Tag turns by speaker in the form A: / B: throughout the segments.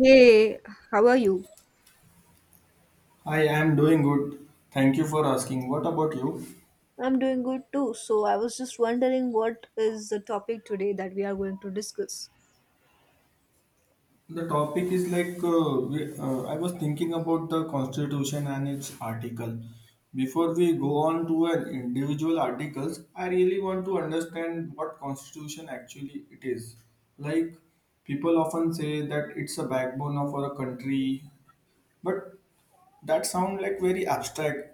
A: Hey, how are you?
B: I am doing good. Thank you for asking. What about you?
A: I'm doing good too. So I was just wondering what is the topic today that we are going to discuss.
B: The topic is like I was thinking about the Constitution and its article. Before we go on to an individual articles, I really want to understand what Constitution actually it is. Like people often say that it's a backbone of our country, but that sound like very abstract.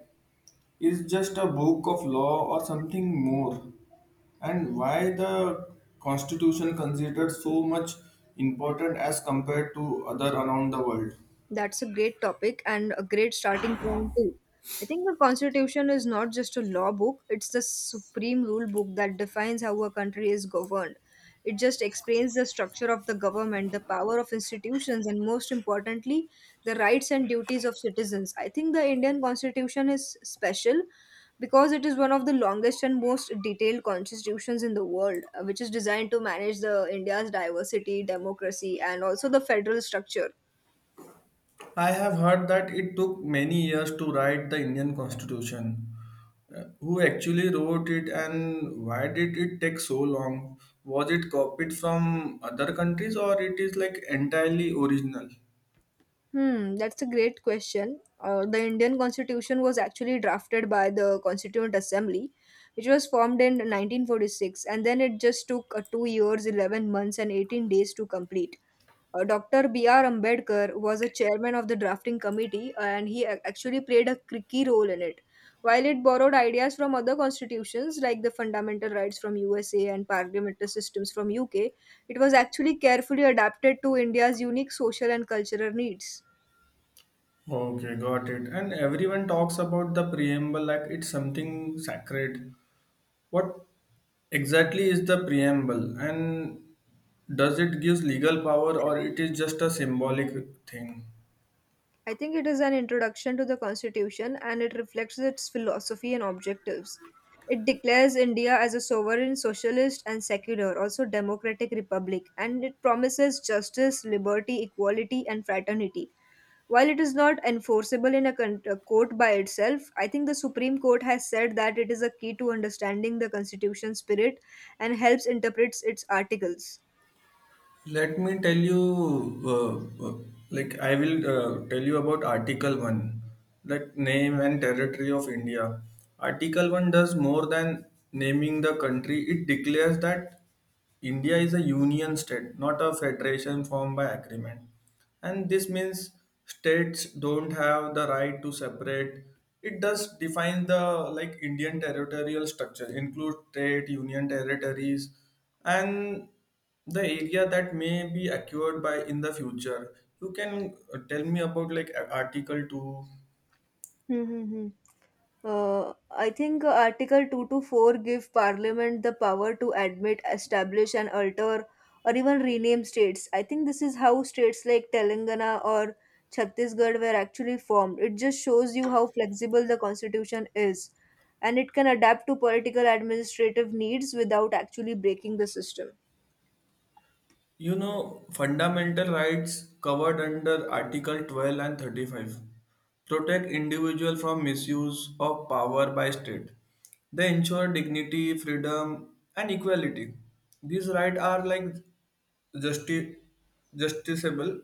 B: Is just a book of law or something more? And why the constitution considered so much important as compared to other around the world.
A: That's a great topic and a great starting point too. I think the Constitution is not just a law book, it's the supreme rule book that defines how a country is governed. It just explains the structure of the government, the power of institutions, and most importantly, the rights and duties of citizens. I think the Indian Constitution is special because it is one of the longest and most detailed constitutions in the world, which is designed to manage the India's diversity, democracy, and also the federal structure.
B: I have heard that it took many years to write the Indian Constitution. Who actually wrote it and why did it take so long? Was it copied from other countries or it is like entirely original?
A: Hmm, that's a great question. The Indian Constitution was actually drafted by the Constituent Assembly, which was formed in 1946, and then it just took 2 years, 11 months, and 18 days to complete. Dr. B.R. Ambedkar was a chairman of the drafting committee, and he actually played a key role in it. While it borrowed ideas from other constitutions like the fundamental rights from USA and parliamentary systems from UK, it was actually carefully adapted to India's unique social and cultural needs.
B: Okay, got it. And everyone talks about the preamble like it's something sacred. What exactly is the preamble, and does it gives legal power, or it is just a symbolic thing?
A: I think it is an introduction to the Constitution and it reflects its philosophy and objectives. It declares India as a sovereign, socialist, and secular, also democratic republic, and it promises justice, liberty, equality, and fraternity. While it is not enforceable in a court by itself, I think the Supreme Court has said that it is a key to understanding the Constitution's spirit and helps interpret its articles.
B: Let me tell you, like I will tell you about Article 1, that name and territory of India. Article 1 does more than naming the country, it declares that India is a union state, not a federation formed by agreement. And this means states don't have the right to separate. It does define the like indian territorial structure, include state, union territories, and the area that may be acquired by in the future. You can tell me about like article 2.
A: Hmm, hmm, hmm. I think Article two to four give Parliament the power to admit, establish, and alter or even rename states. I think this is how states like Telangana or Chhattisgarh were actually formed. It just shows you how flexible the constitution is and it can adapt to political administrative needs without actually breaking the system.
B: You know, fundamental rights covered under Article 12 and 35 protect individual from misuse of power by state. They ensure dignity, freedom, and equality. These rights are like justi- justiciable,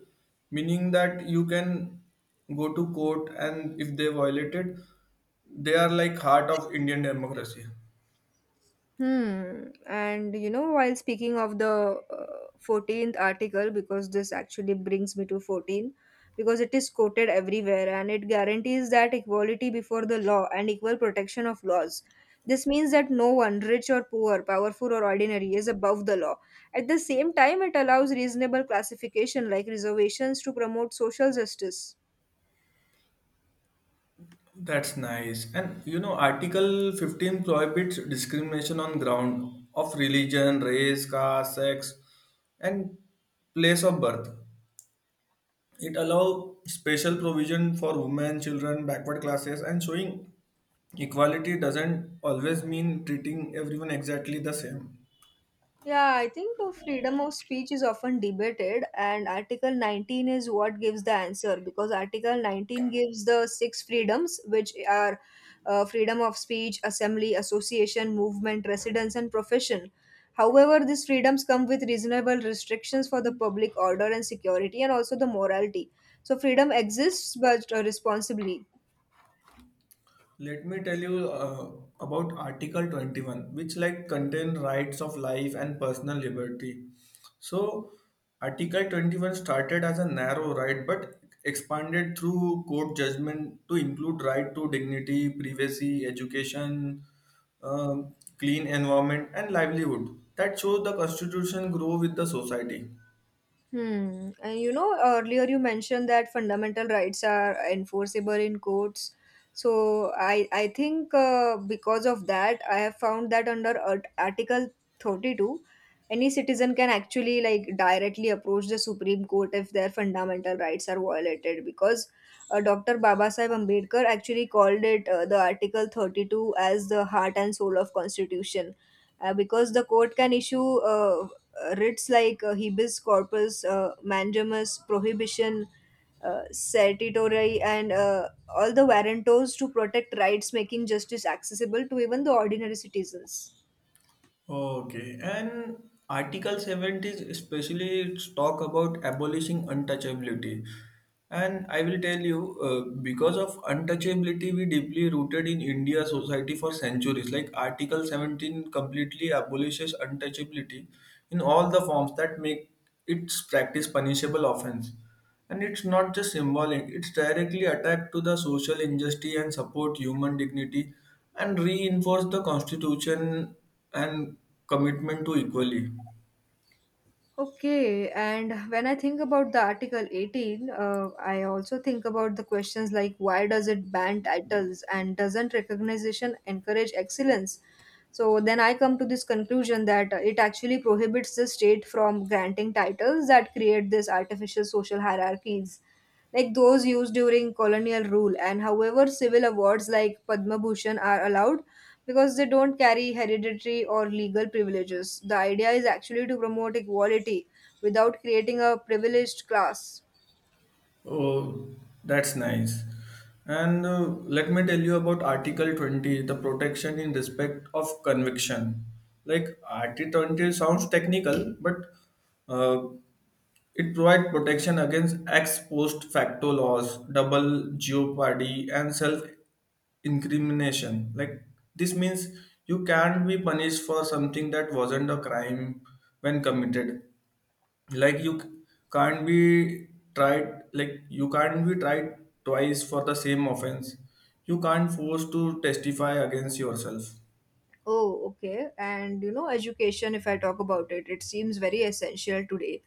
B: meaning that you can go to court and if they violate it, they are like heart of Indian democracy.
A: Hmm. And you know, while speaking of the 14th article, because this actually brings me to 14, because it is quoted everywhere and it guarantees that equality before the law and equal protection of laws. This means that no one, rich or poor, powerful or ordinary, is above the law. At the same time, it allows reasonable classification like reservations to promote social justice.
B: That's nice. And you know, Article 15 prohibits discrimination on ground of religion, race, caste, sex, and place of birth. It allows special provision for women, children, backward classes, and showing equality doesn't always mean treating everyone exactly the same.
A: Yeah, I think freedom of speech is often debated, and Article 19 is what gives the answer because Article 19 gives the six freedoms, which are freedom of speech, assembly, association, movement, residence, and profession. However, these freedoms come with reasonable restrictions for the public order and security, and also the morality. So, freedom exists but responsibly.
B: Let me tell you about Article 21, which like contain rights of life and personal liberty. So, Article 21 started as a narrow right but expanded through court judgment to include right to dignity, privacy, education, clean environment, and livelihood. That shows the Constitution grow with the society.
A: Hmm. And you know, earlier you mentioned that fundamental rights are enforceable in courts. So I think because of that, I have found that under Article 32, any citizen can actually like directly approach the Supreme Court if their fundamental rights are violated. Because Dr. Babasaheb Ambedkar actually called it the Article 32 as the heart and soul of Constitution because the court can issue writs like habeas corpus, mandamus, prohibition, certiorari, and all the warrantos to protect rights, making justice accessible to even the ordinary citizens.
B: Okay, and Article 70 is especially it's talk about abolishing untouchability. And I will tell you, because of untouchability, we deeply rooted in India society for centuries. Like Article 17 completely abolishes untouchability in all the forms that make its practice punishable offense. And it's not just symbolic, it's directly attack to the social injustice and support human dignity and reinforce the constitution and commitment to equality.
A: Okay, and when I think about the Article 18, I also think about the questions like why does it ban titles and doesn't recognition encourage excellence? So then I come to this conclusion that it actually prohibits the state from granting titles that create this artificial social hierarchies, like those used during colonial rule. And however, civil awards like Padma Bhushan are allowed, because they don't carry hereditary or legal privileges. The idea is actually to promote equality without creating a privileged class.
B: Oh, that's nice. And let me tell you about Article 20, the protection in respect of conviction. Like Article 20 sounds technical, but uh, it provides protection against ex post facto laws, double jeopardy, and self incrimination. Like, this means you can't be punished for something that wasn't a crime when committed. Like, you can't be tried, like, you can't be tried twice for the same offense. You can't force to testify against yourself.
A: Oh, okay. And you know, education, if I talk about it, it seems very essential today.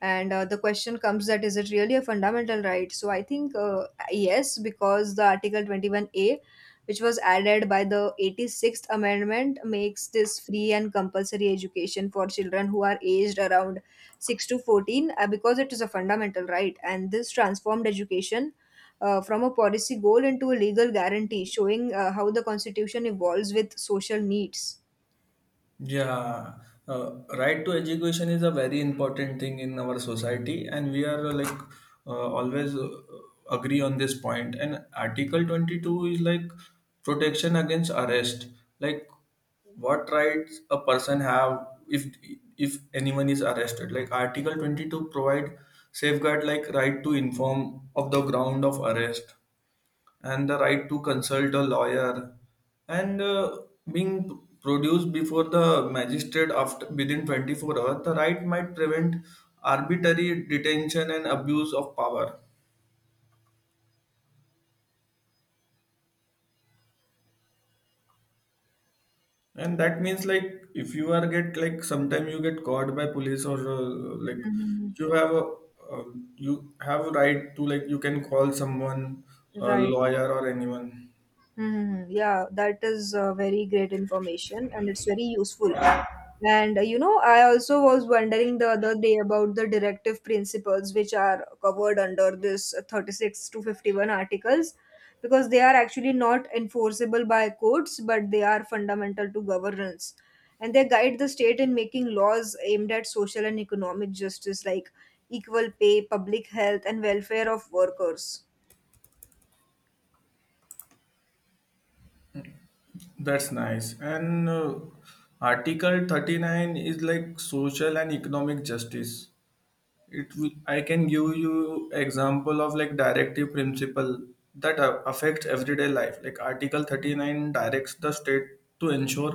A: And the question comes that is it really a fundamental right? So I think yes, because the Article 21A, which was added by the 86th Amendment, makes this free and compulsory education for children who are aged around 6 to 14 because it is a fundamental right. And this transformed education from a policy goal into a legal guarantee, showing how the constitution evolves with social needs.
B: Yeah, uh, right to education is a very important thing in our society, and we are like always agree on this point. And Article 22 is like protection against arrest. Like, what rights a person have if anyone is arrested? Like Article 22 provide safeguard like right to inform of the ground of arrest and the right to consult a lawyer, and being produced before the magistrate after within 24 hours. The right might prevent arbitrary detention and abuse of power. And that means like if you are get like sometime you get caught by police, or like,
A: Hmm.
B: you have a uh, you have a right to, like, you can call someone, a
A: Right.
B: lawyer or anyone.
A: Hmm. Yeah, that is very great information and it's very useful. And you know, I also was wondering the other day about the directive principles which are covered under this 36 to 51 articles because they are actually not enforceable by courts but they are fundamental to governance and they guide the state in making laws aimed at social and economic justice like equal pay, public health, and welfare of workers.
B: That's nice. And Article 39 is like social and economic justice. I can give you example of like directive principle that affects everyday life. Like Article 39 directs the state to ensure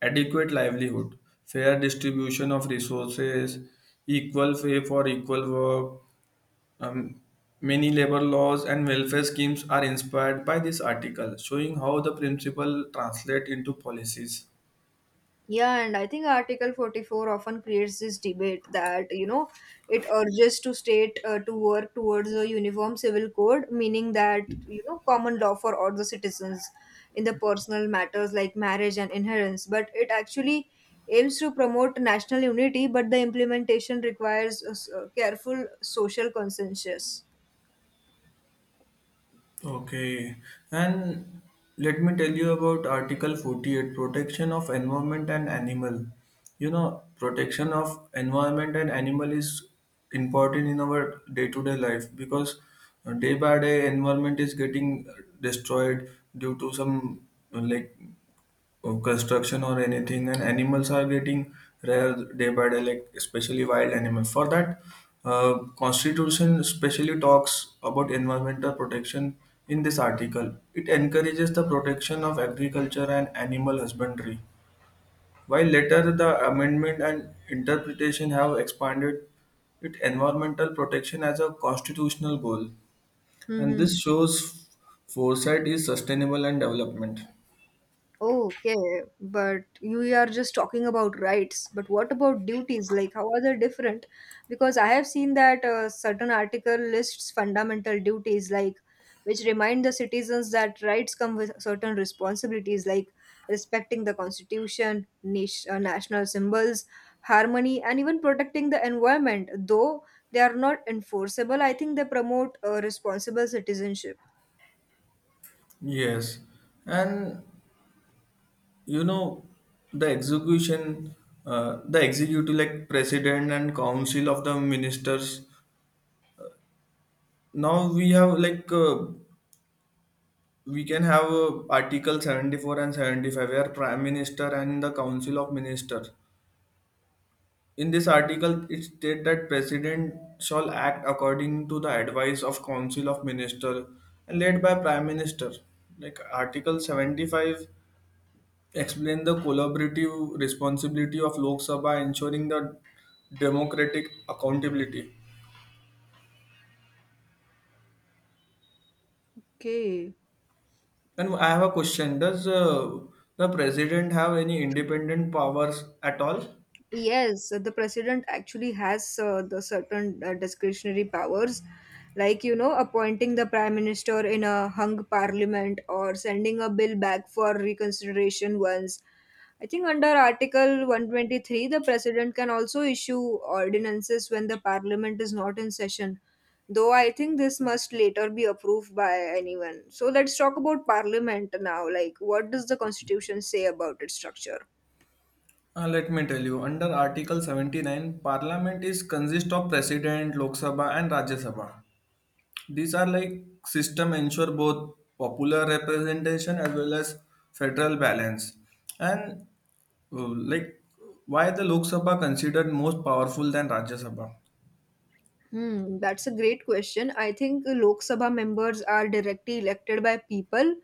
B: adequate livelihood, fair distribution of resources, equal pay for equal work, um, many labor laws and welfare schemes are inspired by this article, showing how the principle translate into policies.
A: Yeah, and I think Article 44 often creates this debate that, you know, it urges to state to work towards a uniform civil code, meaning that, you know, common law for all the citizens in the personal matters like marriage and inheritance. But it actually aims to promote national unity, but the implementation requires a a careful social consensus.
B: Okay, and let me tell you about Article 48, protection of environment and animal. You know, protection of environment and animal is important in our day to day life because day by day environment is getting destroyed due to some like or construction or anything, and animals are getting rare day by day like especially wild animals. For that, constitution especially talks about environmental protection. In this article, it encourages the protection of agriculture and animal husbandry, while later the amendment and interpretation have expanded it environmental protection as a constitutional goal. And
A: Hmm.
B: this shows foresight is sustainable and development.
A: Okay, but you are just talking about rights. But what about duties? Like, how are they different? Because I have seen that a certain article lists fundamental duties, like which remind the citizens that rights come with certain responsibilities, like respecting the constitution, nation, national symbols, harmony, and even protecting the environment. Though they are not enforceable, I think they promote a responsible citizenship.
B: Yes, and you know, the execution the executive like president and council of the ministers, now we have like we can have article 74 and 75, where prime minister and the council of ministers. In this article, it states that president shall act according to the advice of council of minister and led by prime minister. Like article 75 explain the collaborative responsibility of Lok Sabha ensuring the democratic accountability.
A: Okay.
B: And I have a question. Does the president have any independent powers at all?
A: Yes, the president actually has the certain discretionary powers, like you know, appointing the prime minister in a hung parliament or sending a bill back for reconsideration once. I think under Article 123, the president can also issue ordinances when the parliament is not in session, though I think this must later be approved by anyone. So let's talk about parliament now. Like, what does the constitution say about its structure?
B: Let me tell you. Under Article 79, Parliament is consist of President, Lok Sabha, and Rajya Sabha. These are like system ensure both popular representation as well as federal balance. And like, why the Lok Sabha considered most powerful than Rajya Sabha?
A: Hmm, that's a great question. I think Lok Sabha members are directly elected by people,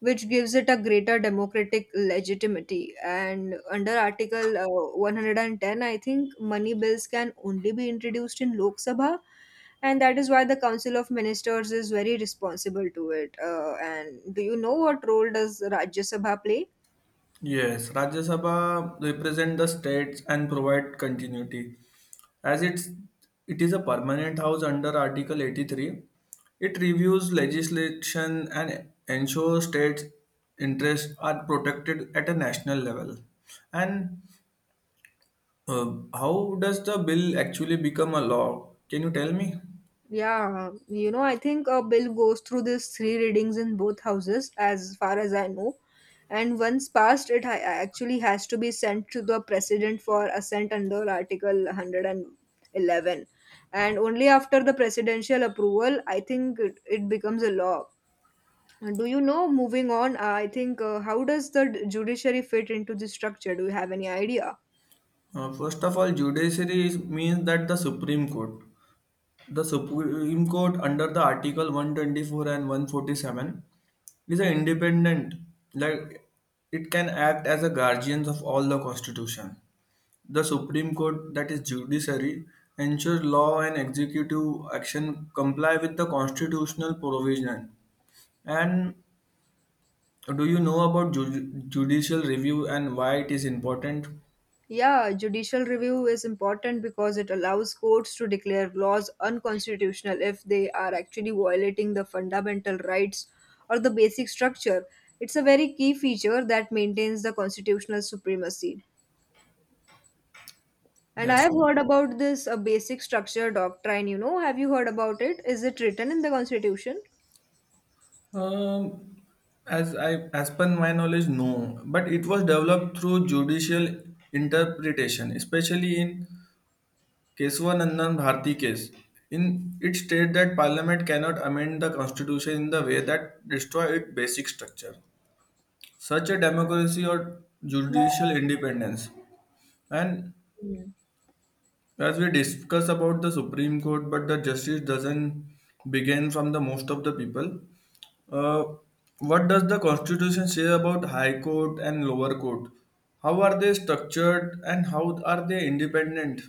A: which gives it a greater democratic legitimacy. And under Article 110, I think money bills can only be introduced in Lok Sabha, and that is why the Council of Ministers is very responsible to it. And do you know what role does Rajya Sabha play?
B: Yes, Rajya Sabha represent the states and provide continuity. As it is a permanent house under Article 83, it reviews legislation and ensures states' interests are protected at a national level. And how does the bill actually become a law? Can you tell me?
A: Yeah, you know, I think a bill goes through these three readings in both houses, as far as I know. And once passed, it actually has to be sent to the president for assent under Article 111. And only after the presidential approval, I think it becomes a law. And do you know, moving on, I think, how does the judiciary fit into this structure? Do you have any idea?
B: First of all, judiciary is, means that the Supreme Court. The Supreme Court, under the Article 124 and 147, is an independent, like it can act as a guardian of all the Constitution. The Supreme Court, that is judiciary, ensures law and executive action comply with the constitutional provision. And do you know about judicial review and why it is important?
A: Yeah, judicial review is important because it allows courts to declare laws unconstitutional if they are actually violating the fundamental rights or the basic structure. It's a very key feature that maintains the constitutional supremacy. And I
B: That's.
A: have heard about this a basic structure doctrine, you know. Have you heard about it? Is it written in the constitution?
B: Um, as per my knowledge, no. But it was developed through judicial interpretation, especially in Keswanandan Bharti case. In it states that Parliament cannot amend the Constitution in the way that destroy its basic structure. Such a democracy or
A: Yeah.
B: judicial independence. And as we discuss about the Supreme Court, but the justice doesn't begin from the most of the people. Uh, what does the Constitution say about High Court and Lower Court? How are they structured and how are they independent?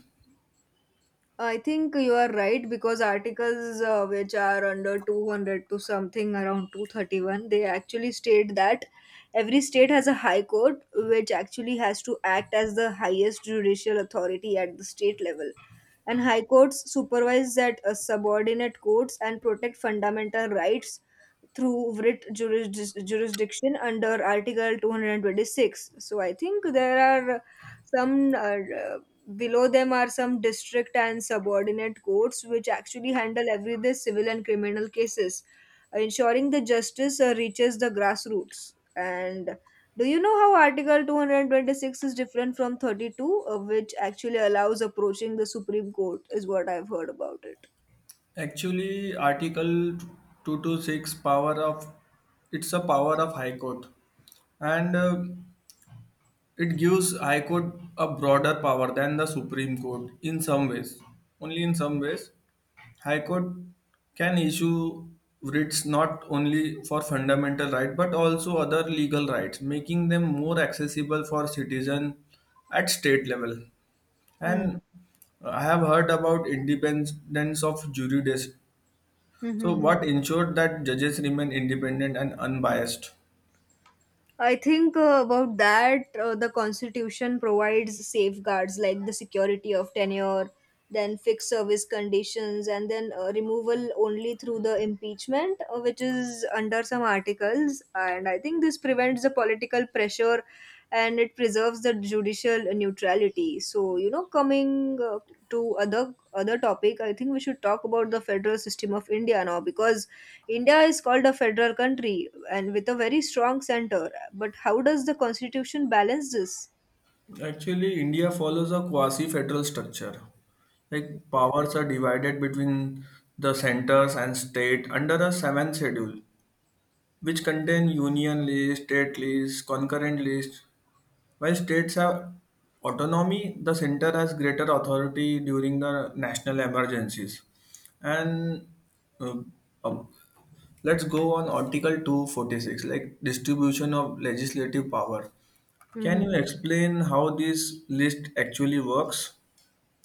A: I think you are right because articles which are under 200 to something around 231, they actually state that every state has a high court which actually has to act as the highest judicial authority at the state level and high courts supervise that subordinate courts and protect fundamental rights through writ jurisdiction under article 226, so I think there are some, uh, below them are some district and subordinate courts which actually handle every the civil and criminal cases, ensuring the justice reaches the grassroots. And do you know how Article 226 is different from 32, which actually allows approaching the Supreme Court, is what I've heard about it.
B: Actually, Article 226, power of it's a power of High Court, and it gives High Court a broader power than the Supreme Court in some ways, only in some ways. High Court can issue writs not only for fundamental right but also other legal rights, making them more accessible for citizen at state level.
A: Hmm.
B: And I have heard about independence of jurists.
A: Hmm. Hmm,
B: So,
A: hmm.
B: what ensured that judges remain independent and unbiased?
A: I think about that, the Constitution provides safeguards like the security of tenure, then fixed service conditions, and then removal only through the impeachment, which is under some articles. And I think this prevents the political pressure and it preserves the judicial neutrality. So, you know, coming to other topic, I think we should talk about the federal system of India now because India is called a federal country and with a very strong center. But how does the constitution balance this?
B: Actually, India follows a quasi-federal structure. Like powers are divided between the centers and state under a seventh schedule, which contain union lists, state lists, concurrent lists. While states have autonomy, the center has greater authority during the national emergencies. And uh, um, let's go on Article 246, like distribution of legislative power. Can you
A: Mhm.
B: explain how this list actually works?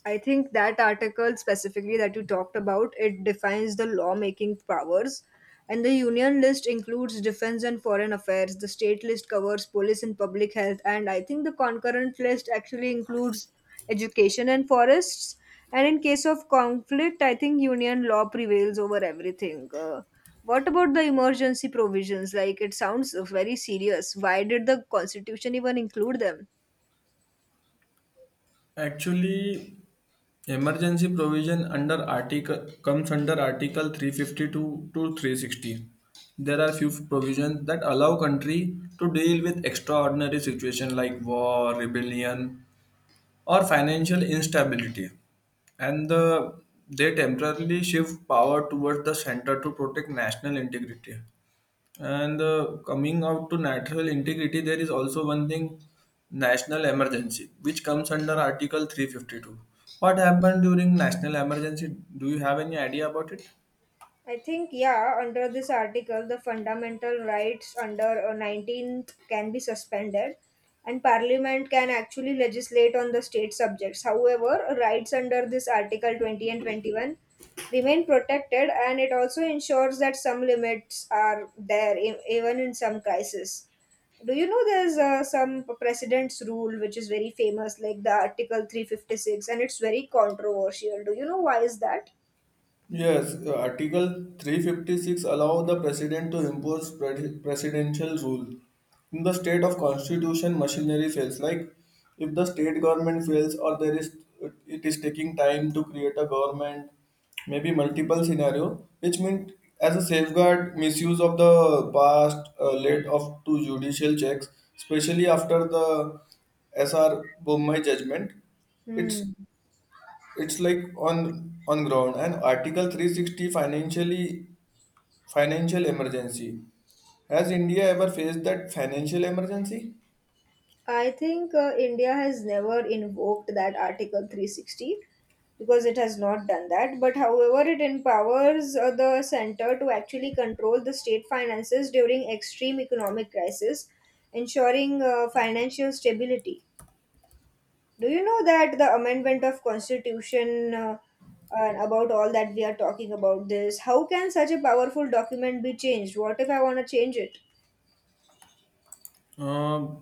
A: I think that article specifically that you talked about, it defines the lawmaking powers. And the union list includes defense and foreign affairs. The state list covers police and public health. And I think the concurrent list actually includes education and forests. And in case of conflict, I think union law prevails over everything. What about the emergency provisions? Like, it sounds very serious. Why did the constitution even include them?
B: Actually, Emergency provision under article comes under Article 352 to 360. There are few provisions that allow country to deal with extraordinary situation like war, rebellion, or financial instability, and they temporarily shift power towards the center to protect national integrity. And coming out to natural integrity, there is also one thing national emergency, which comes under Article 352. What happened during national emergency? Do you have any idea about it?
A: I think, yeah, under this article, the fundamental rights under 19th can be suspended, and Parliament can actually legislate on the state subjects. However, rights under this Article 20 and 21 remain protected, and it also ensures that some limits are there, even in some crisis. Do you know there's some precedent's rule which is very famous, like the Article 356, and it's very controversial. Do you know why is that?
B: Yes, Article 356 allow the president to impose presidential rule. In the state of constitution, machinery fails. Like if the state government fails or there is it is taking time to create a government, maybe multiple scenario, which means as a safeguard, misuse of the past led of to judicial checks, especially after the S.R. Bommai judgment. it's
A: Hmm.
B: it's like on ground. And article 360, financial emergency. Has india ever faced that financial emergency?
A: I think India has never invoked that Article 360 because it has not done that. But however, it empowers the center to actually control the state finances during extreme economic crisis, ensuring financial stability. Do you know that the amendment of constitution and about all that we are talking about this? How can such a powerful document be changed? What if I want to change it?
B: Uh,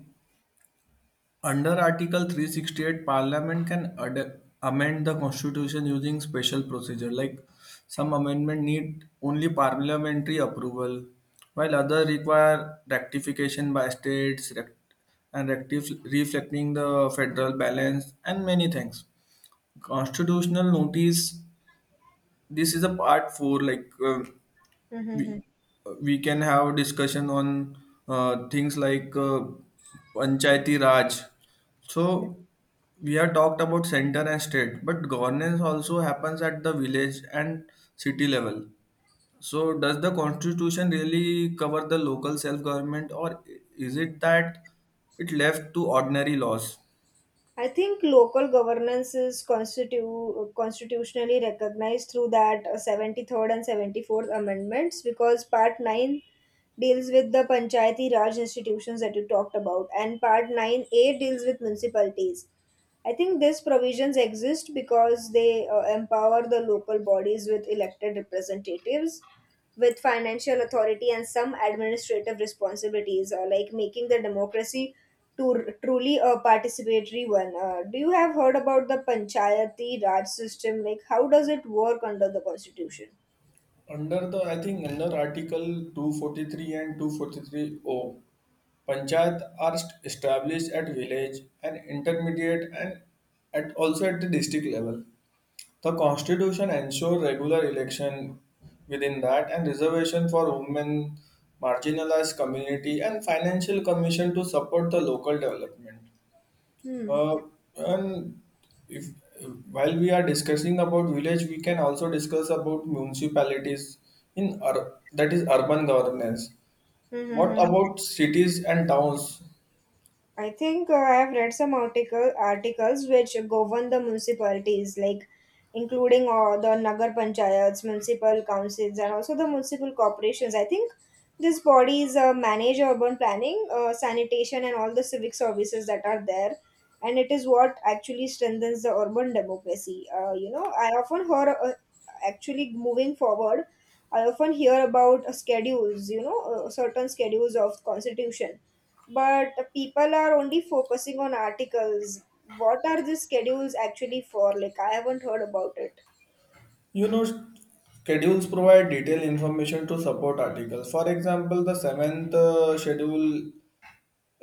B: Under Article 368, Parliament can amend the Constitution using special procedure. Like some amendment need only parliamentary approval, while other require rectification by states, reflecting the federal balance and many things. Constitutional notice, this is a part four. Like we
A: Mm-hmm.
B: we can have discussion on things like panchayati raj. So we have talked about center and state, but governance also happens at the village and city level. So does the constitution really cover the local self government, or is it that it left to ordinary laws?
A: I think local governance is constitutionally recognized through that 73rd and 74th amendments because Part 9 deals with the Panchayati Raj institutions that you talked about, and Part 9A deals with municipalities. I think these provisions exist because they empower the local bodies with elected representatives with financial authority and some administrative responsibilities, like making the democracy to truly a participatory one. Do you have heard about the Panchayati Raj system? Like, how does it work under the constitution?
B: I think under Article 243 and 243O, Panchayat are established at village and intermediate, and at also at the district level. The constitution ensures regular election within that and reservation for women, marginalized community and financial commission to support the local development.
A: Hmm.
B: Uh, and If while we are discussing about village, we can also discuss about municipalities in that is urban governance.
A: Hmm. Hmm,
B: What
A: hmm.
B: about cities and towns?
A: I think I have read some articles which govern the municipalities, like including the nagar panchayats, municipal councils, and also the municipal corporations. I think these bodies manage urban planning, sanitation, and all the civic services that are there, and it is what actually strengthens the urban democracy. You know, I often hear actually moving forward. I often hear about schedules, you know, certain schedules of constitution but people are only focusing on articles. What are the schedules actually for? Like, I haven't heard about it.
B: You know, schedules provide detailed information to support articles. For example, the seventh schedule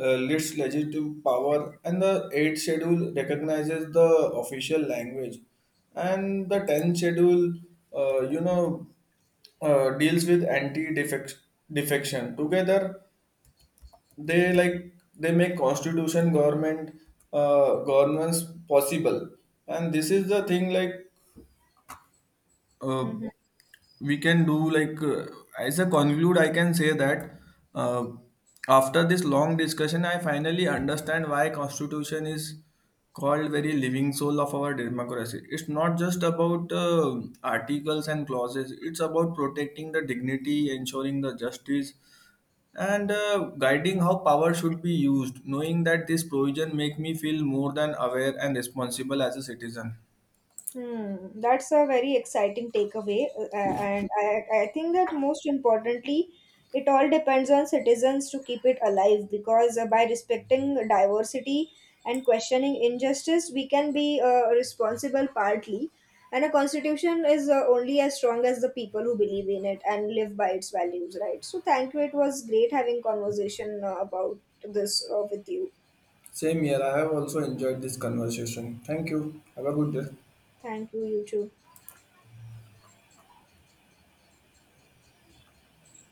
B: lists legislative power, and the eighth schedule recognizes the official language, and the tenth schedule uh, you know, deals with anti-defection. Together, they make constitution government governance possible, and this is the thing like. Uh, we can do like as a conclude, I can say that uh, after this long discussion, I finally understand why constitution is called very living soul of our democracy. It's not just about articles and clauses. It's about protecting the dignity, ensuring the justice, and guiding how power should be used. Knowing that this provision make me feel more than aware and responsible as a citizen.
A: Hmm, that's a very exciting takeaway, and I think that most importantly, it all depends on citizens to keep it alive because by respecting diversity and questioning injustice, we can be responsible partly. And a constitution is only as strong as the people who believe in it and live by its values, right? So thank you. It was great having conversation about this with you.
B: Same here. I have also enjoyed this conversation. Thank you. Have a good day.
A: Thank you, you too.